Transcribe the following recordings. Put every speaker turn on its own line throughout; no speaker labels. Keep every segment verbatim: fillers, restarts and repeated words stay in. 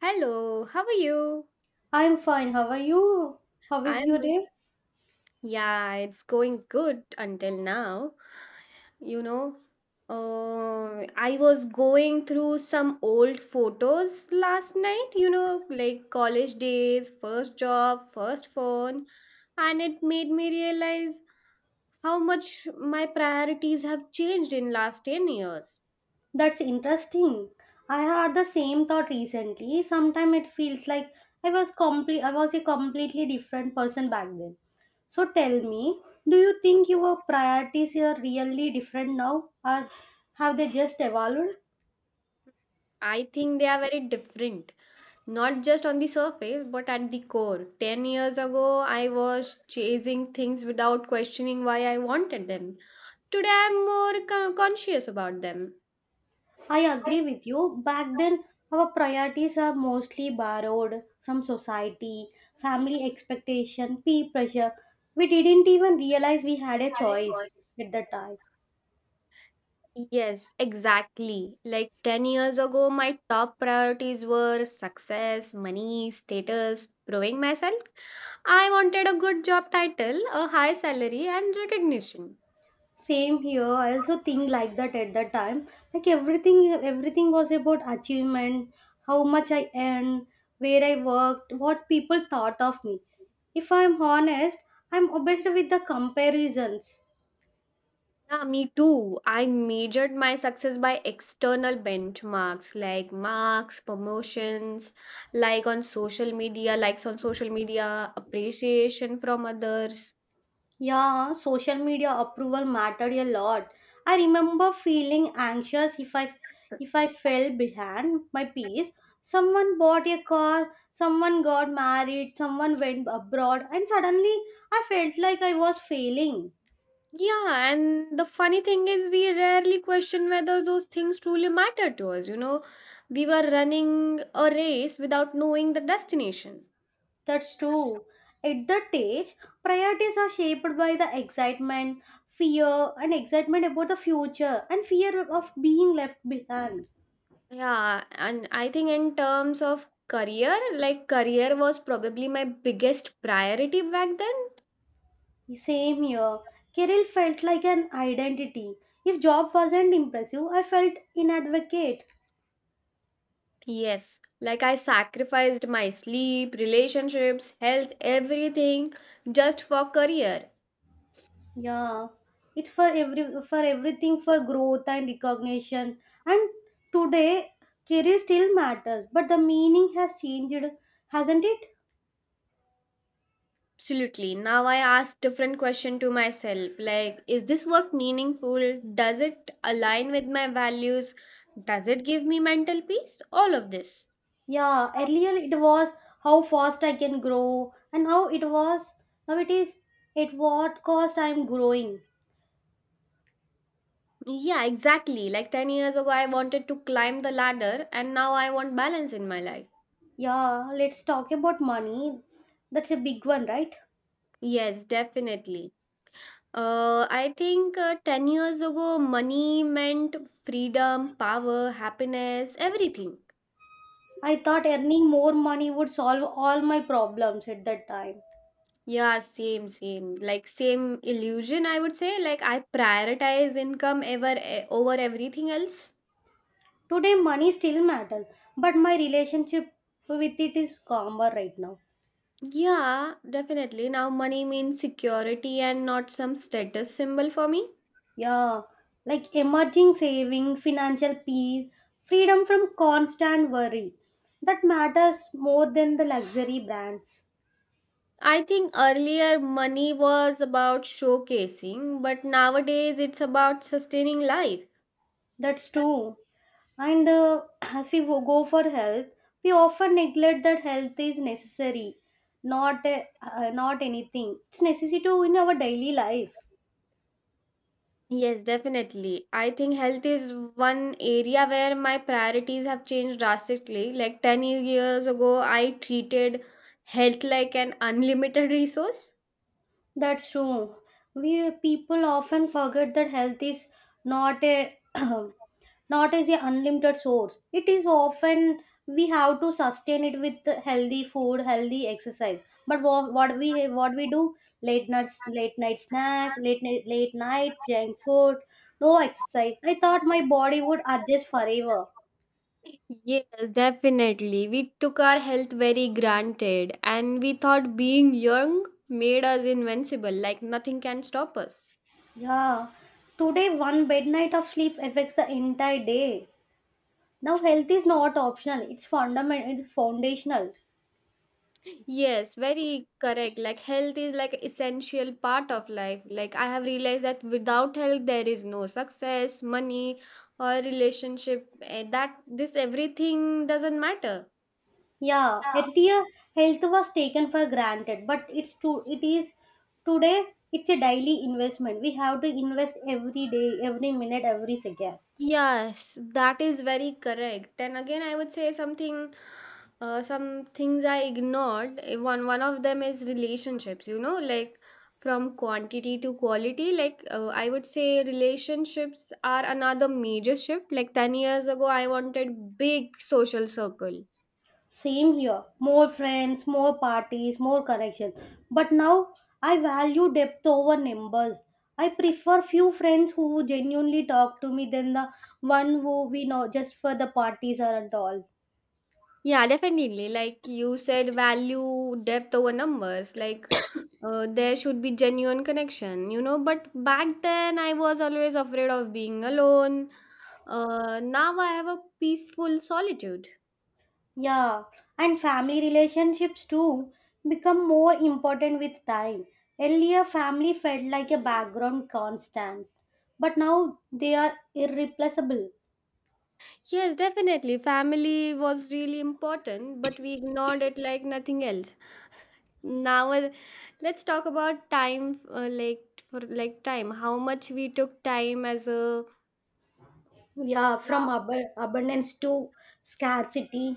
Hello, how are you?
I'm fine. How are you? How is your
I'm also-
day?
yeah, it's going good until now. You know, uh, I was going through some old photos last night, you know, like college days, first job, first phone, and it made me realize how much my priorities have changed in last ten years.
That's interesting. I had the same thought recently. Sometimes it feels like I was complete I was a completely different person back then. So tell me, do you think your priorities are really different now, or have they just evolved?
I think they are very different. Not just on the surface, but at the core. ten years ago, I was chasing things without questioning why I wanted them. Today, I'm more con- conscious about them.
I agree with you. Back then, our priorities are mostly borrowed from society, family expectation, peer pressure. We didn't even realize we had a choice at that time.
Yes, exactly. Like ten years ago, my top priorities were success, money, status, proving myself. I wanted a good job title, a high salary, and recognition.
Same here. I also think like that at that time. Like everything, everything was about achievement, how much I earned, where I worked, what people thought of me. If I'm honest, I'm obsessed with the comparisons.
Yeah, me too. I measured my success by external benchmarks like marks, promotions, like on social media, likes on social media, appreciation from others.
Yeah, social media approval mattered a lot. I remember feeling anxious if I if I fell behind my peers. Someone bought a car, someone got married, someone went abroad, and suddenly I felt like I was failing.
Yeah, and the funny thing is, we rarely question whether those things truly matter to us. You know, we were running a race without knowing the destination.
That's true. At that age, priorities are shaped by the excitement, fear, and excitement about the future, and fear of being left behind.
Yeah, and I think in terms of career, like career was probably my biggest priority back then.
Same here. Kerala felt like an identity. If job wasn't impressive, I felt inadequate.
Yes, like I sacrificed my sleep, relationships, health, everything just for career.
Yeah, it for every for everything, for growth and recognition. And today, career still matters, but the meaning has changed, hasn't it?
Absolutely. Now I ask different question to myself, like, is this work meaningful? Does it align with my values? Does it give me mental peace? All of this.
Yeah, earlier it was how fast I can grow, and now it was now it is at what cost I'm growing.
Yeah, exactly. Like ten years ago I wanted to climb the ladder and now I want balance in my life.
Yeah, let's talk about money. That's a big one, right?
Yes, definitely. Uh, I think uh, ten years ago, money meant freedom, power, happiness, everything.
I thought earning more money would solve all my problems at that time.
Yeah, same, same. Like, same illusion, I would say. Like, I prioritize income ever eh, over everything else.
Today, money still matters, but my relationship with it is calmer right now.
Yeah, definitely. Now, money means security and not some status symbol for me.
Yeah, like emerging saving, financial peace, freedom from constant worry. That matters more than the luxury brands.
I think earlier money was about showcasing, but nowadays it's about sustaining life.
That's true. And uh, as we wo- go for health, we often neglect that health is necessary, not a, uh, not anything. It's necessary to in our daily life.
Yes, definitely. I think health is one area where my priorities have changed drastically. Like ten years ago, I treated health like an unlimited resource.
That's true. We people often forget that health is not a not as a unlimited source. It is often we have to sustain it with the healthy food, healthy exercise. But what, what we what we do, late night late night snack, late night late night junk food, no exercise. I thought my body would adjust forever.
Yes, definitely. We took our health very granted and we thought being young made us invincible, like nothing can stop us.
Yeah. Today one bad night of sleep affects the entire day. Now health is not optional. It's fundamental. It's foundational.
Yes, very correct. Like health is like essential part of life. Like I have realized that without health there is no success, money or relationship. eh, That this everything doesn't matter.
Yeah, earlier health was taken for granted, but it's to it is today, it's a daily investment. We have to invest every day, every minute, every second.
Yes, that is very correct. And again, I would say something, uh, some things I ignored. eh, One one of them is relationships. You know, like from quantity to quality. Like uh, I would say, relationships are another major shift. Like ten years ago, I wanted big social circle.
Same here. More friends, more parties, more connection. But now I value depth over numbers. I prefer few friends who genuinely talk to me than the one who we know just for the parties and all.
Yeah, definitely. Like you said, value depth over numbers. Like uh, there should be genuine connection. You know but back then I was always afraid of being alone. Uh, now I have a peaceful solitude.
Yeah, and family relationships too become more important with time. Earlier, family felt like a background constant, but now they are irreplaceable.
Yes, definitely. Family was really important, but we ignored it like nothing else. Now, uh, let's talk about time. Uh, like for like time, how much we took time as a,
Yeah,
yeah.
from ab- abundance to scarcity.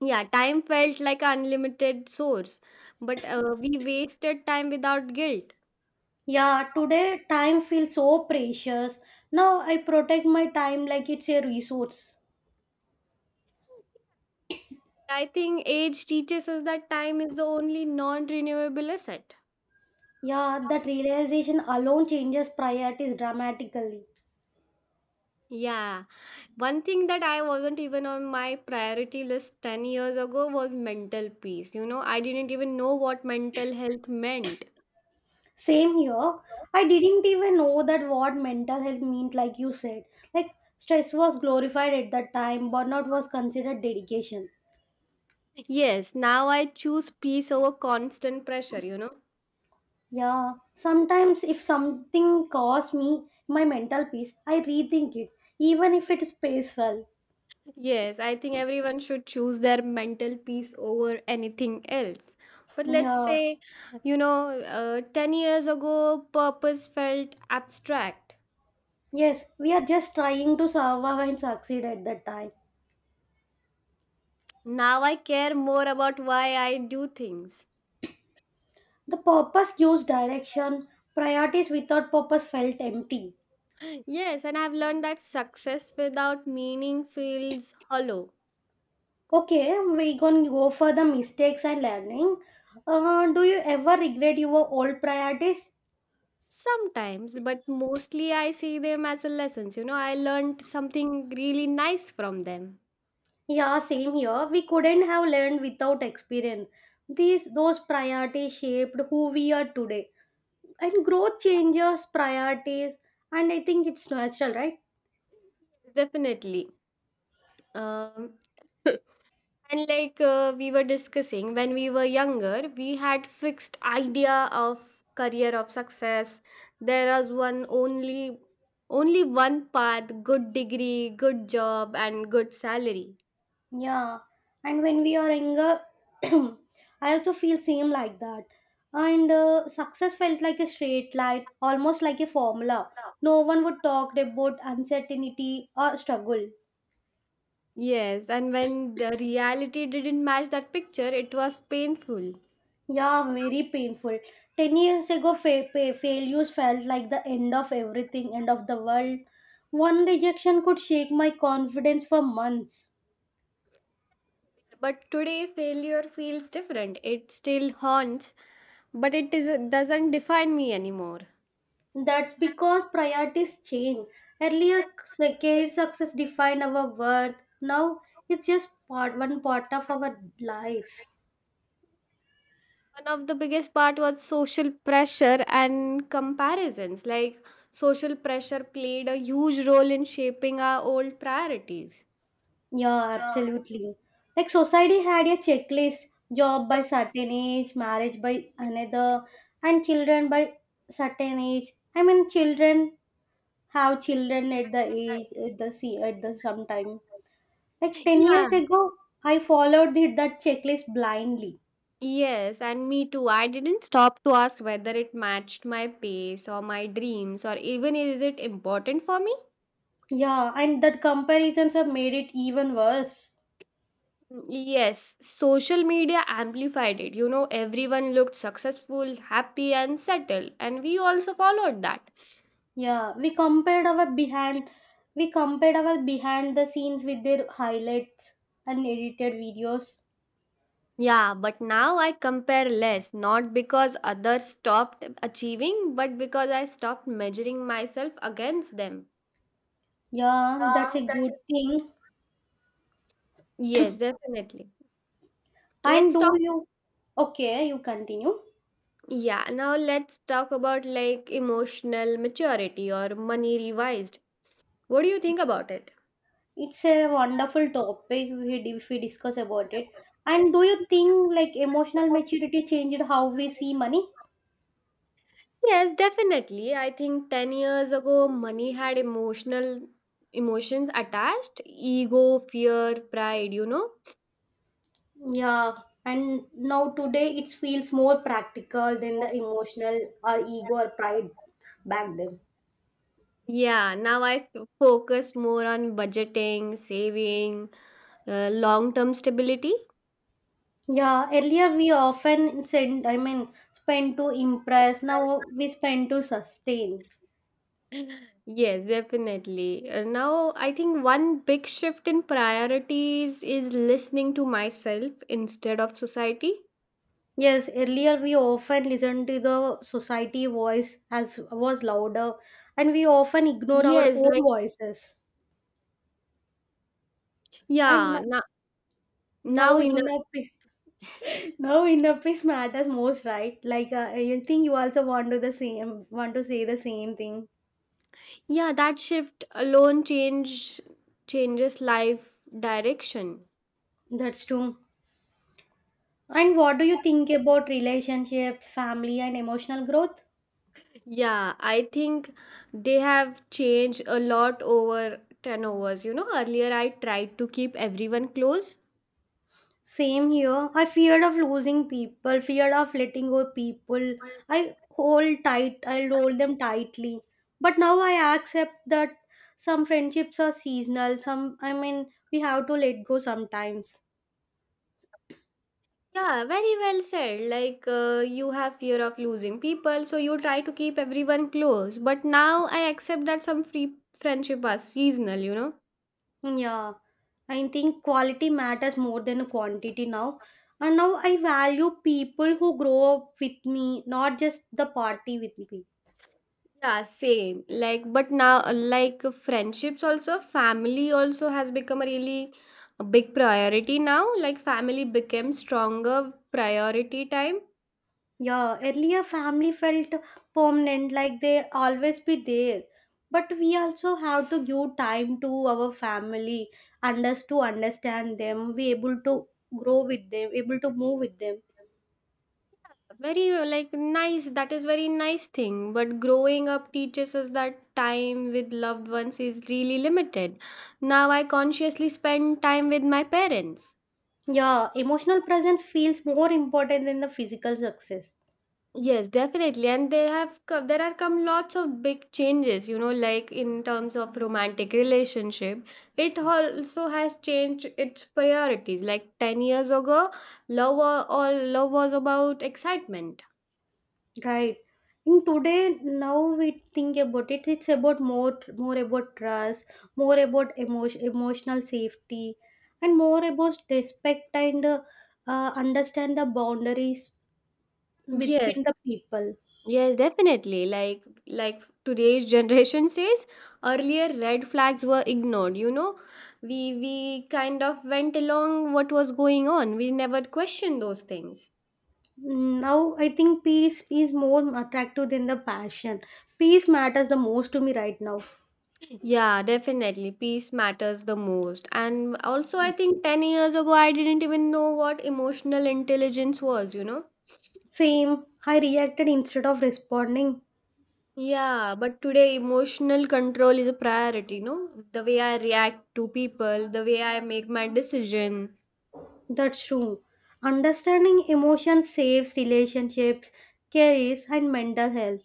Yeah, time felt like an unlimited source, but uh, we wasted time without guilt.
Yeah, today time feels so precious. Now I protect my time like it's a resource.
I think age teaches us that time is the only non renewable asset.
Yeah, that realization alone changes priorities dramatically.
Yeah. One thing that I wasn't even on my priority list ten years ago was mental peace. You know, I didn't even know what mental health meant.
Same here. I didn't even know that what mental health meant, like you said. Like, stress was glorified at that time, burnout was considered dedication.
Yes, now I choose peace over constant pressure, you know.
Yeah, sometimes if something costs me my mental peace, I rethink it, even if it is peaceful.
Yes, I think everyone should choose their mental peace over anything else. But let's
Yeah,
say, you know, uh, ten years ago, purpose felt abstract.
yes, we are just trying to survive and succeed at that time.
Now I care more about why I do things.
The purpose gives direction; priorities without purpose felt empty.
Yes, and I've learned that success without meaning feels hollow
Okay, we gonna go for the mistakes and learning. Uh, do you ever regret your old priorities?
sometimes, but mostly I see them as a lessons. You know, I learned something really nice from them.
Yeah, same here. We couldn't have learned without experience. These those priorities shaped who we are today, and growth changes priorities, and I think it's natural, right?
Definitely. Um, And like uh, we were discussing, when we were younger, we had fixed idea of career of success. There was one only only one path, good degree, good job and good salary.
Yeah, and when we are younger, I also feel same like that. And uh, success felt like a straight line, almost like a formula. No one would talk about uncertainty or struggle.
Yes, and when the reality didn't match that picture, it was painful.
Yeah, very painful. Ten years ago, fa- fa- failures felt like the end of everything, end of the world. One rejection could shake my confidence for months.
But today failure feels different. It still haunts, but it is, doesn't define me anymore.
That's because priorities change. Earlier, s- career success defined our worth. Now, it's just part one part of our life.
One of the biggest part was social pressure and comparisons, like social pressure played a huge role in shaping our old priorities.
Yeah, absolutely. Like society had a checklist: job by certain age, marriage by another, and children by certain age. I mean, children have children at the age at the see at the sometime. Like ten
Yeah.
years ago, I followed the, that checklist blindly.
Yes, and me too, I didn't stop to ask whether it matched my pace or my dreams or even is it important for me.
Yeah, and that comparisons have made it even worse.
Yes, social media amplified it. You know, everyone looked successful, happy, and settled, and we also followed that.
Yeah, we compared our behind we compared our behind the scenes with their highlights and edited videos.
Yeah, but now I compare less, not because others stopped achieving, but because I stopped measuring myself against them.
Yeah, that's
Yeah,
a
that's
good thing.
Yes, definitely.
And
Let's
do
talk.
you Okay, you continue.
Yeah, now let's talk about like emotional maturity or money revised. What do you think about it?
It's a wonderful topic we di- if we discuss about it. And do you think like emotional maturity changed how we see money?
Yes, definitely. I think ten years ago, money had emotional emotions attached ego, fear, pride, you know.
Yeah, and now today it feels more practical than the emotional or ego or pride back then.
Yeah, now I f- focus more on budgeting, saving, uh, long term stability.
Yeah, earlier we often said, I mean, spend to impress. Now we spend to sustain.
Yes, definitely. Uh, now, I think one big shift in priorities is listening to myself instead of society.
Yes, earlier we often listened to the society voice as was louder, and we often ignore our
Yes,
own
like,
voices. And now
yeah. Now now,
Now
in a,
inner peace, now inner peace matters most, right? Like uh, I think you also want to the same, want to say the same thing.
yeah, that shift alone change changes life direction.
That's true. And what do you think about relationships, family, and emotional growth?
Yeah, I think they have changed a lot over ten hours. You know, earlier I tried to keep everyone close.
Same here. I feared of losing people, feared of letting go people. I hold tight, I'll hold them tightly. But now I accept that some friendships are seasonal. Some, I mean, we have to let go sometimes.
Yeah, very well said. Like, uh, you have fear of losing people, so you try to keep everyone close. But now I accept that some free friendship are seasonal, you know?
Yeah, I think quality matters more than quantity now. And now I value people who grow up with me, not just the party with me.
Yeah, same. Like, but now, uh, like, friendships also, family also has become a really big priority now. Like, family became stronger priority time.
Yeah, earlier family felt permanent, like they always be there. But we also have to give time to our family, and us to understand them, be able to grow with them, able to move with them.
Very uh, like, nice, that is very nice thing, but growing up teaches us that time with loved ones is really limited. Now I consciously spend time with my parents.
Yeah, emotional presence feels more important than the physical success.
Yes, definitely. And there have co- there are come lots of big changes, you know like in terms of romantic relationship, it also has changed its priorities. Like ten years ago, love wa- all love was about excitement.
Right. In today, now we think about it, it's about more, more about trust, more about emotion, emotional safety, and more about respect and uh, uh, understand the boundaries
Yes.
between the people.
Yes, definitely. Like like today's generation says, earlier red flags were ignored. You know, we we kind of went along what was going on. We never questioned those things.
Now, I think peace is more attractive than the passion. Peace matters the most to me right now.
Yeah, definitely. Peace matters the most. And also, I think ten years ago, I didn't even know what emotional intelligence was. You know.
Same, I reacted instead of responding.
Yeah, but today emotional control is a priority, no? The way I react to people, the way I make my decision.
That's true. Understanding emotion saves relationships, careers, and mental health.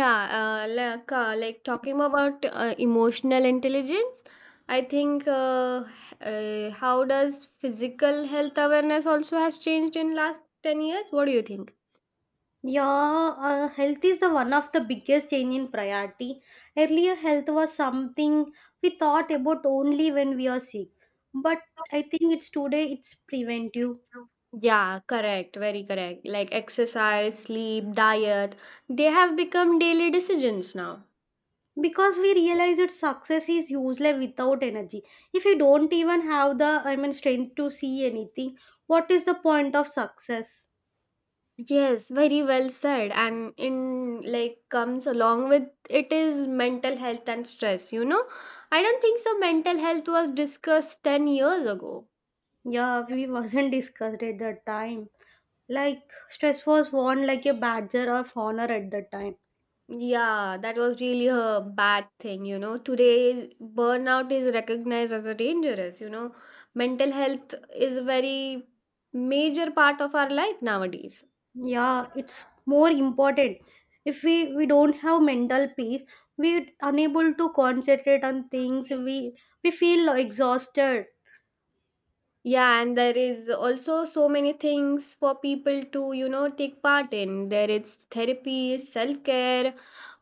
Yeah, uh, like uh, like talking about uh, emotional intelligence, I think uh, uh, how does physical health awareness also has changed in last ten years? What do you think?
Yeah, uh, health is the one of the biggest change in priority. Earlier, health was something we thought about only when we are sick, but I think it's today it's preventive,
Yeah, correct, very correct. Like exercise, sleep, diet, they have become daily decisions now.
because we realize that success is useless without energy. If you don't even have the I mean strength to see anything, what is the point of success?
Yes, very well said. And in, like, comes along with it is mental health and stress, you know? I don't think so mental health was discussed ten years ago.
Yeah, we wasn't discussed at that time. Like stress was worn like a badger of honor at that time.
Yeah, that was really a bad thing, you know. Today, burnout is recognized as a dangerous, you know. Mental health is a very major part of our life nowadays.
Yeah, it's more important. If we we don't have mental peace, we're unable to concentrate on things. We we feel exhausted.
Yeah, and there is also so many things for people to, you know, take part in. There is therapy, self care,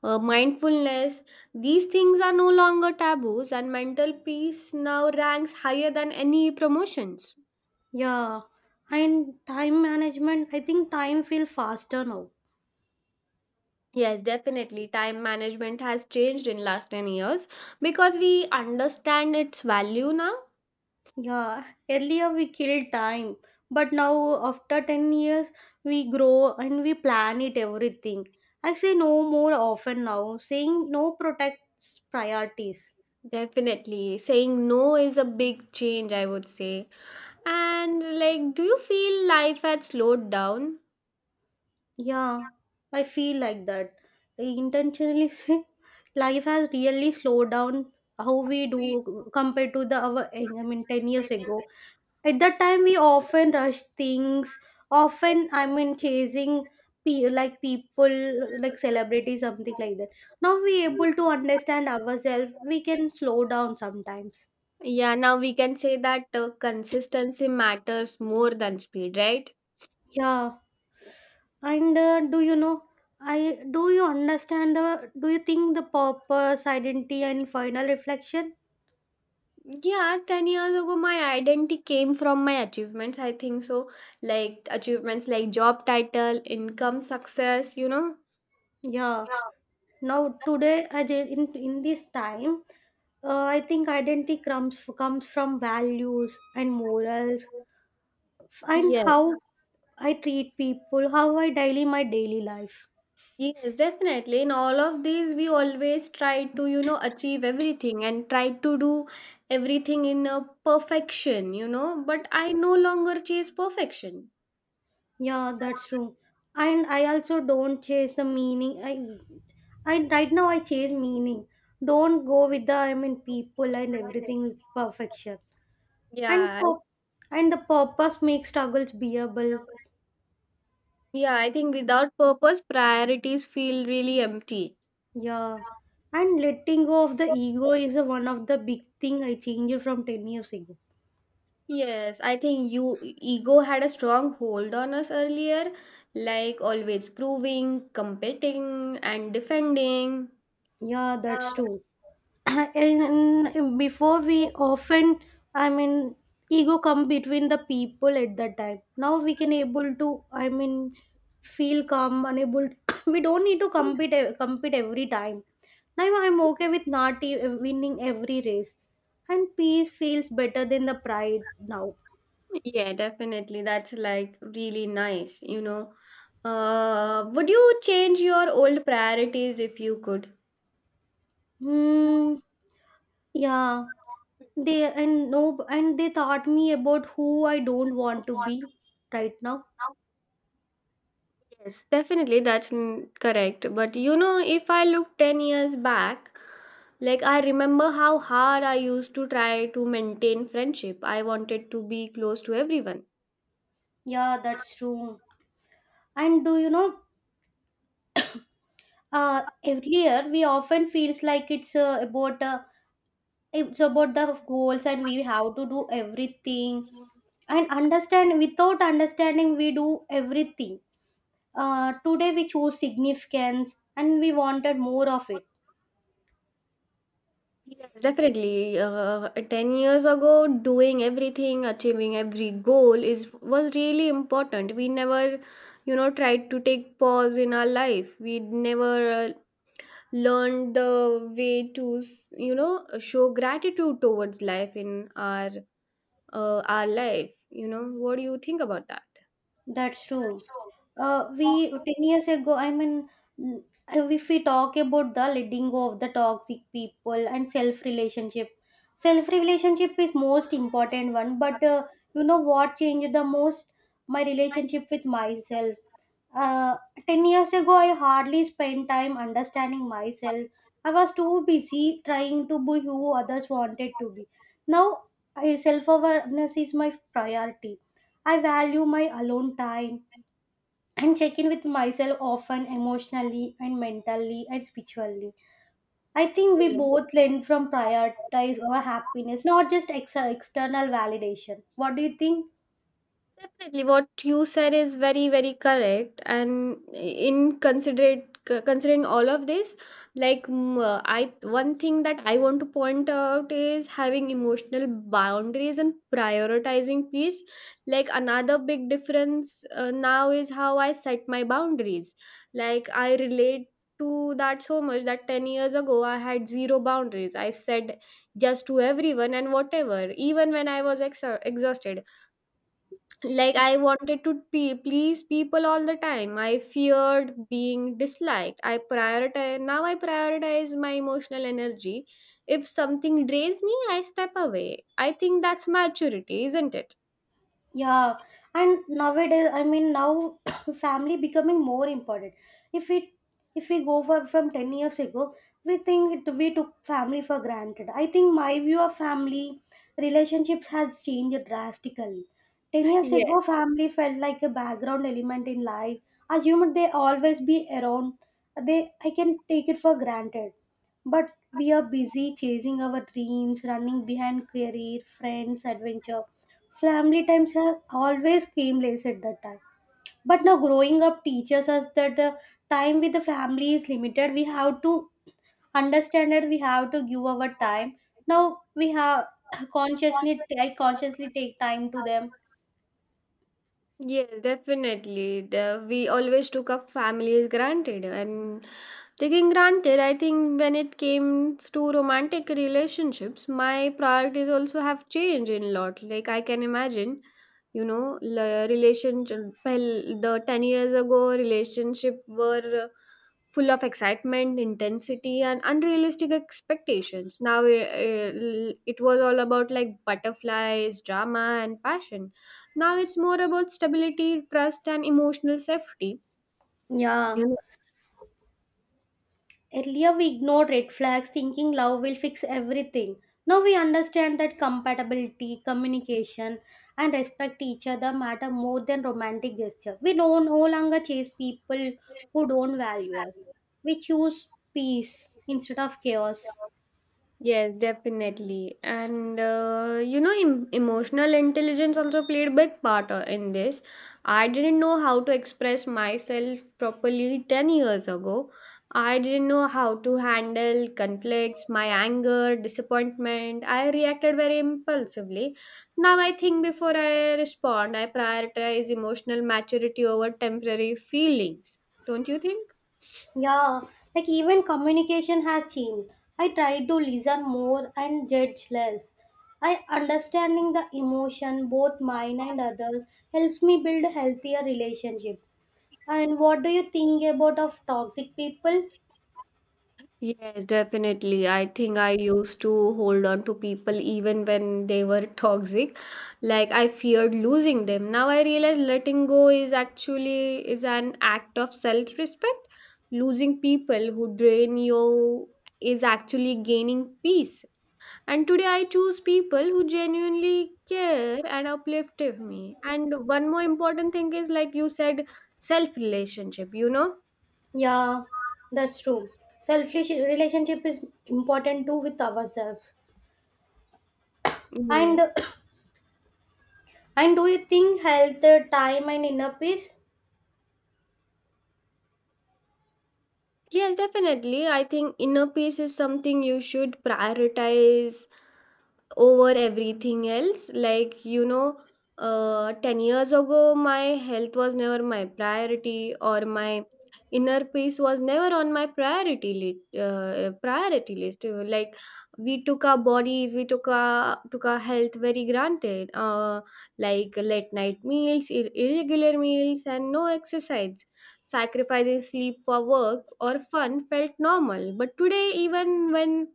uh, mindfulness. These things are no longer taboos, and mental peace now ranks higher than any promotions.
Yeah, and time management. I think time feel faster now.
Yes, definitely. Time management has changed in last ten years because we understand its value now.
Yeah, earlier we kill time, but now after ten years we grow and we plan it everything. I say no more often now; saying no protects priorities.
Definitely. Saying no is a big change, I would say. And like, do you feel life had slowed down?
Yeah, I feel like that. I intentionally say life has really slowed down how we do compared to the our I mean ten years ago. At that time we often rush things, often I mean chasing pe- like people, like celebrities, something like that. Now we able to understand ourselves, we can slow down sometimes.
Yeah, now we can say that uh, consistency matters more than speed, right?
Yeah, and uh, do you know i do you understand the do you think the purpose identity and final reflection?
Yeah, ten years ago, my identity came from my achievements. I think so. Like achievements like job title, income, success, you know?
Yeah, now today I ju- in, in this time, uh, I think identity comes comes from values and morals, and
Yeah.
how I treat people, how I daily my daily life.
Yes, definitely. In all of these, we always try to, you know, achieve everything and try to do everything in a perfection, you know. But I no longer chase perfection.
Yeah, that's true. And I also don't chase the meaning. I, I right now I chase meaning. Don't go with the I mean people and everything with perfection. And
Yeah, I-
pur- and the purpose makes struggles bearable.
yeah. I think without purpose, priorities feel really empty.
Yeah, and letting go of the ego is a, one of the big thing I changed from ten years ago.
Yes, I think you ego had a strong hold on us earlier, like always proving, competing, and defending.
Yeah,
Yeah.
that's true. And before we often I mean ego come between the people at that time. Now we can able to I mean feel calm unable we don't need to compete e- compete every time. Now I'm okay with not e- winning every race, and peace feels better than the pride now.
Yeah, definitely. That's like really nice, you know. Uh, would you change your old priorities if you could?
Hmm. Yeah, they — and no and they taught me about who I don't want to be right now.
Yes, definitely. That's n- correct. But you know, if I look ten years back, like I remember how hard I used to try to maintain friendship. I wanted to be close to everyone.
Yeah, that's true. And do you know, uh, earlier we often feels like it's uh, about uh, it's about the goals and we have to do everything and understand without understanding we do everything. Uh, today we choose significance and we wanted more of it.
Yes, definitely. Uh, ten years ago, doing everything, achieving every goal is was really important. We never, you know, tried to take pause in our life. We never uh, learned the way to, you know, show gratitude towards life in our uh, our life. You know, what do you think about
That's true. Uh, we ten years ago, I mean, mm, if we talk about the letting go of the toxic people and self relationship. Self relationship is most important one, but uh, you know what changed the most? My relationship with myself. uh, ten years ago I hardly spent time understanding myself. I was too busy trying to be who others wanted to be. Now self awareness is my priority. I value my alone time and check in with myself often emotionally and mentally and spiritually. I think we
that?
both learn from prioritize our happiness, not just ex- external validation. What do you think?
Definitely, what you said is very, very correct. And in considerate c- considering all of this, like mm, uh, I one thing that I want to point out is having emotional boundaries and prioritizing peace. Like another big difference uh, now is how I set my boundaries. Like I relate to that so much that ten years ago I had zero boundaries. I said yes to everyone and whatever, even when I was exa- exhausted. Like I wanted to pe- please people all the time. I feared being disliked. I prioritize now i prioritize my emotional energy. If something drains me, I step away. I think that's maturity, isn't it?
Yeah, and nowadays, I mean, now family becoming more important. If we if we go for from ten years ago, we think it, we took family for granted. I think my view of family relationships has changed drastically. Ten years
Yes.
ago, family felt like a background element in life. Assumed they always be around. They I can take it for granted, but we are busy chasing our dreams, running behind career, friends, adventure. Family times are always came late at that time. But now growing up teaches us that the time with the family is limited. We have to understand that we have to give our time. Now we have consciously I consciously take time to them.
Yes, definitely. The, we always took our families granted. And taking granted, I think when it came to romantic relationships, my priorities also have changed in lot. Like I can imagine, you know, la- relationship, well, the ten years ago, relationship were full of excitement, intensity, and unrealistic expectations. Now it, it was all about like butterflies, drama, and passion. Now it's more about stability, trust, and emotional safety.
Yeah.
You know?
Earlier, we ignored red flags thinking love will fix everything. Now we understand that compatibility, communication, and respect each other matter more than romantic gesture. We don't no longer chase people who don't value us. We choose peace instead of chaos.
Yes, definitely. And uh, you know, em- emotional intelligence also played a big part uh, in this. I didn't know how to express myself properly ten years ago. I didn't know how to handle conflicts, my anger, disappointment. I reacted very impulsively. Now I think before I respond, I prioritize emotional maturity over temporary feelings. Don't you think?
Yeah, like even communication has changed. I try to listen more and judge less. I understanding the emotion, both mine and others, helps me build a healthier relationship. And what do you think about of toxic people?
Yes, definitely. I think I used to hold on to people even when they were toxic. Like I feared losing them. Now I realize letting go is actually is an act of self-respect. Losing people who drain you is actually gaining peace. And today I choose people who genuinely care and uplift me. And one more important thing is like you said, self relationship, you know?
Yeah, that's true. Selfish relationship is important too with ourselves. And
Yes.
and do you think health, uh, time, and inner peace?
Yes, definitely. I think inner peace is something you should prioritize over everything else. Like, you know, uh, ten years ago, my health was never my priority, or my inner peace was never on my priority li- uh, priority list. Like, we took our bodies, we took our took our health very granted. Uh, like late night meals, ir- irregular meals, and no exercise. Sacrificing sleep for work or fun felt normal, but today, even when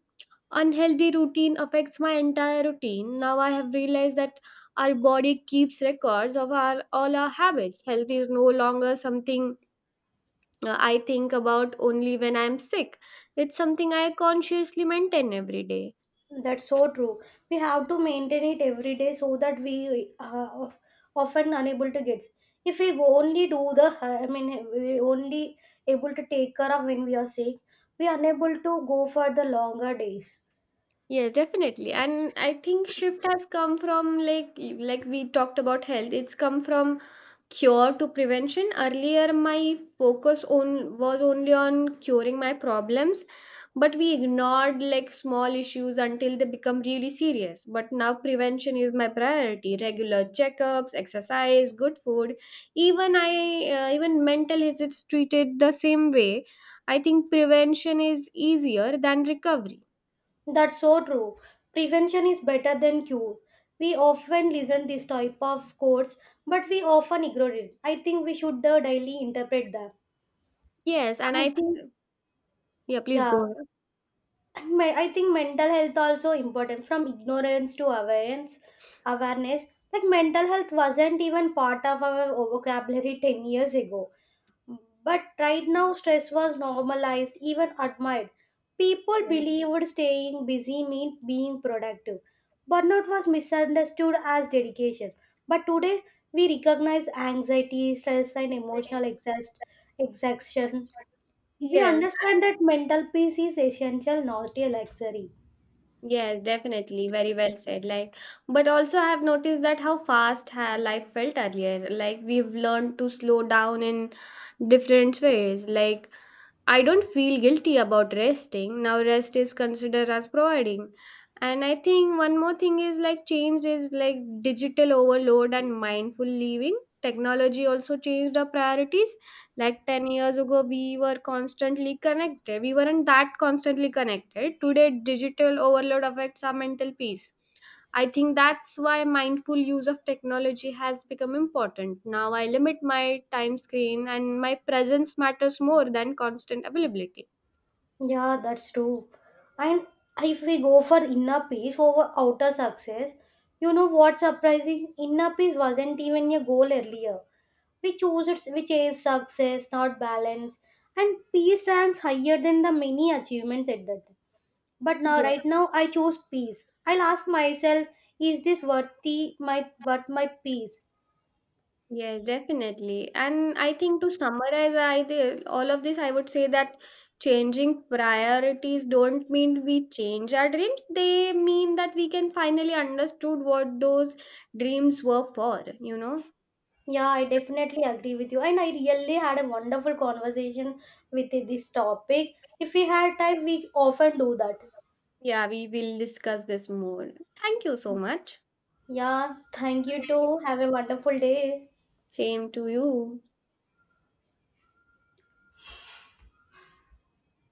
unhealthy routine affects my entire routine. Now I have realized that our body keeps records of our all our habits. Health is no longer something uh, I think about only when I'm sick. It's something I consciously maintain every day.
That's so true. We have to maintain it every day so that we are often unable to get. If we only do the, I mean, we only able to take care of when we are sick, we are unable to go for the longer days.
Yeah, definitely. And I think shift has come from like y- like we talked about health. It's come from cure to prevention. Earlier my focus on was only on curing my problems, but we ignored like small issues until they become really serious. But now prevention is my priority: regular checkups, exercise, good food. even i uh, Even mental is it's treated the same way. I think prevention is easier than recovery.
That's so true. Prevention is better than cure. We often listen this type of quotes, but we often ignore it. I think we should uh, daily interpret them.
Yes. And I
And
think, yeah, please
yeah,
go ahead.
and me- I think mental health also important from ignorance to awareness. Awareness, like mental health wasn't even part of our vocabulary ten years ago. But right now, stress was normalized, even admired. People
Yes.
believed staying busy meant being productive. Burnout was misunderstood as dedication. But today, we recognize anxiety, stress, and emotional exhaust, exhaustion. We
Yes.
understand that mental peace is essential, not a luxury.
Yes, definitely. Very well said. Like, but also I have noticed that how fast ha life felt earlier. Like, we've learned to slow down in different ways. Like, I don't feel guilty about resting. Now rest is considered as providing. And I think one more thing is like change is like digital overload and mindful living. Technology also changed our priorities. Like ten years ago, we were constantly connected. We weren't that constantly connected. Today, digital overload affects our mental peace. I think that's why mindful use of technology has become important. Now I limit my time screen and my presence matters more than constant availability.
Yeah, that's true. And if we go for inner peace over outer success, you know what's surprising? Inner peace wasn't even a goal earlier. We choose it, we chase success, not balance. And peace ranks higher than the many achievements at that time. But now,
Yeah,
right now, I choose peace. I'll ask myself, is this worthy my worth my peace?
yeah, definitely. And I think to summarize I thi- all of this, I would say that changing priorities don't mean we change our dreams. They mean that we can finally understood what those dreams were for, you know?
Yeah, I definitely agree with you. And I really had a wonderful conversation with this topic. If we had time, we often do that.
Yeah, we will discuss this more. Thank you so much.
Yeah, thank you too. Have a wonderful day.
Same to you.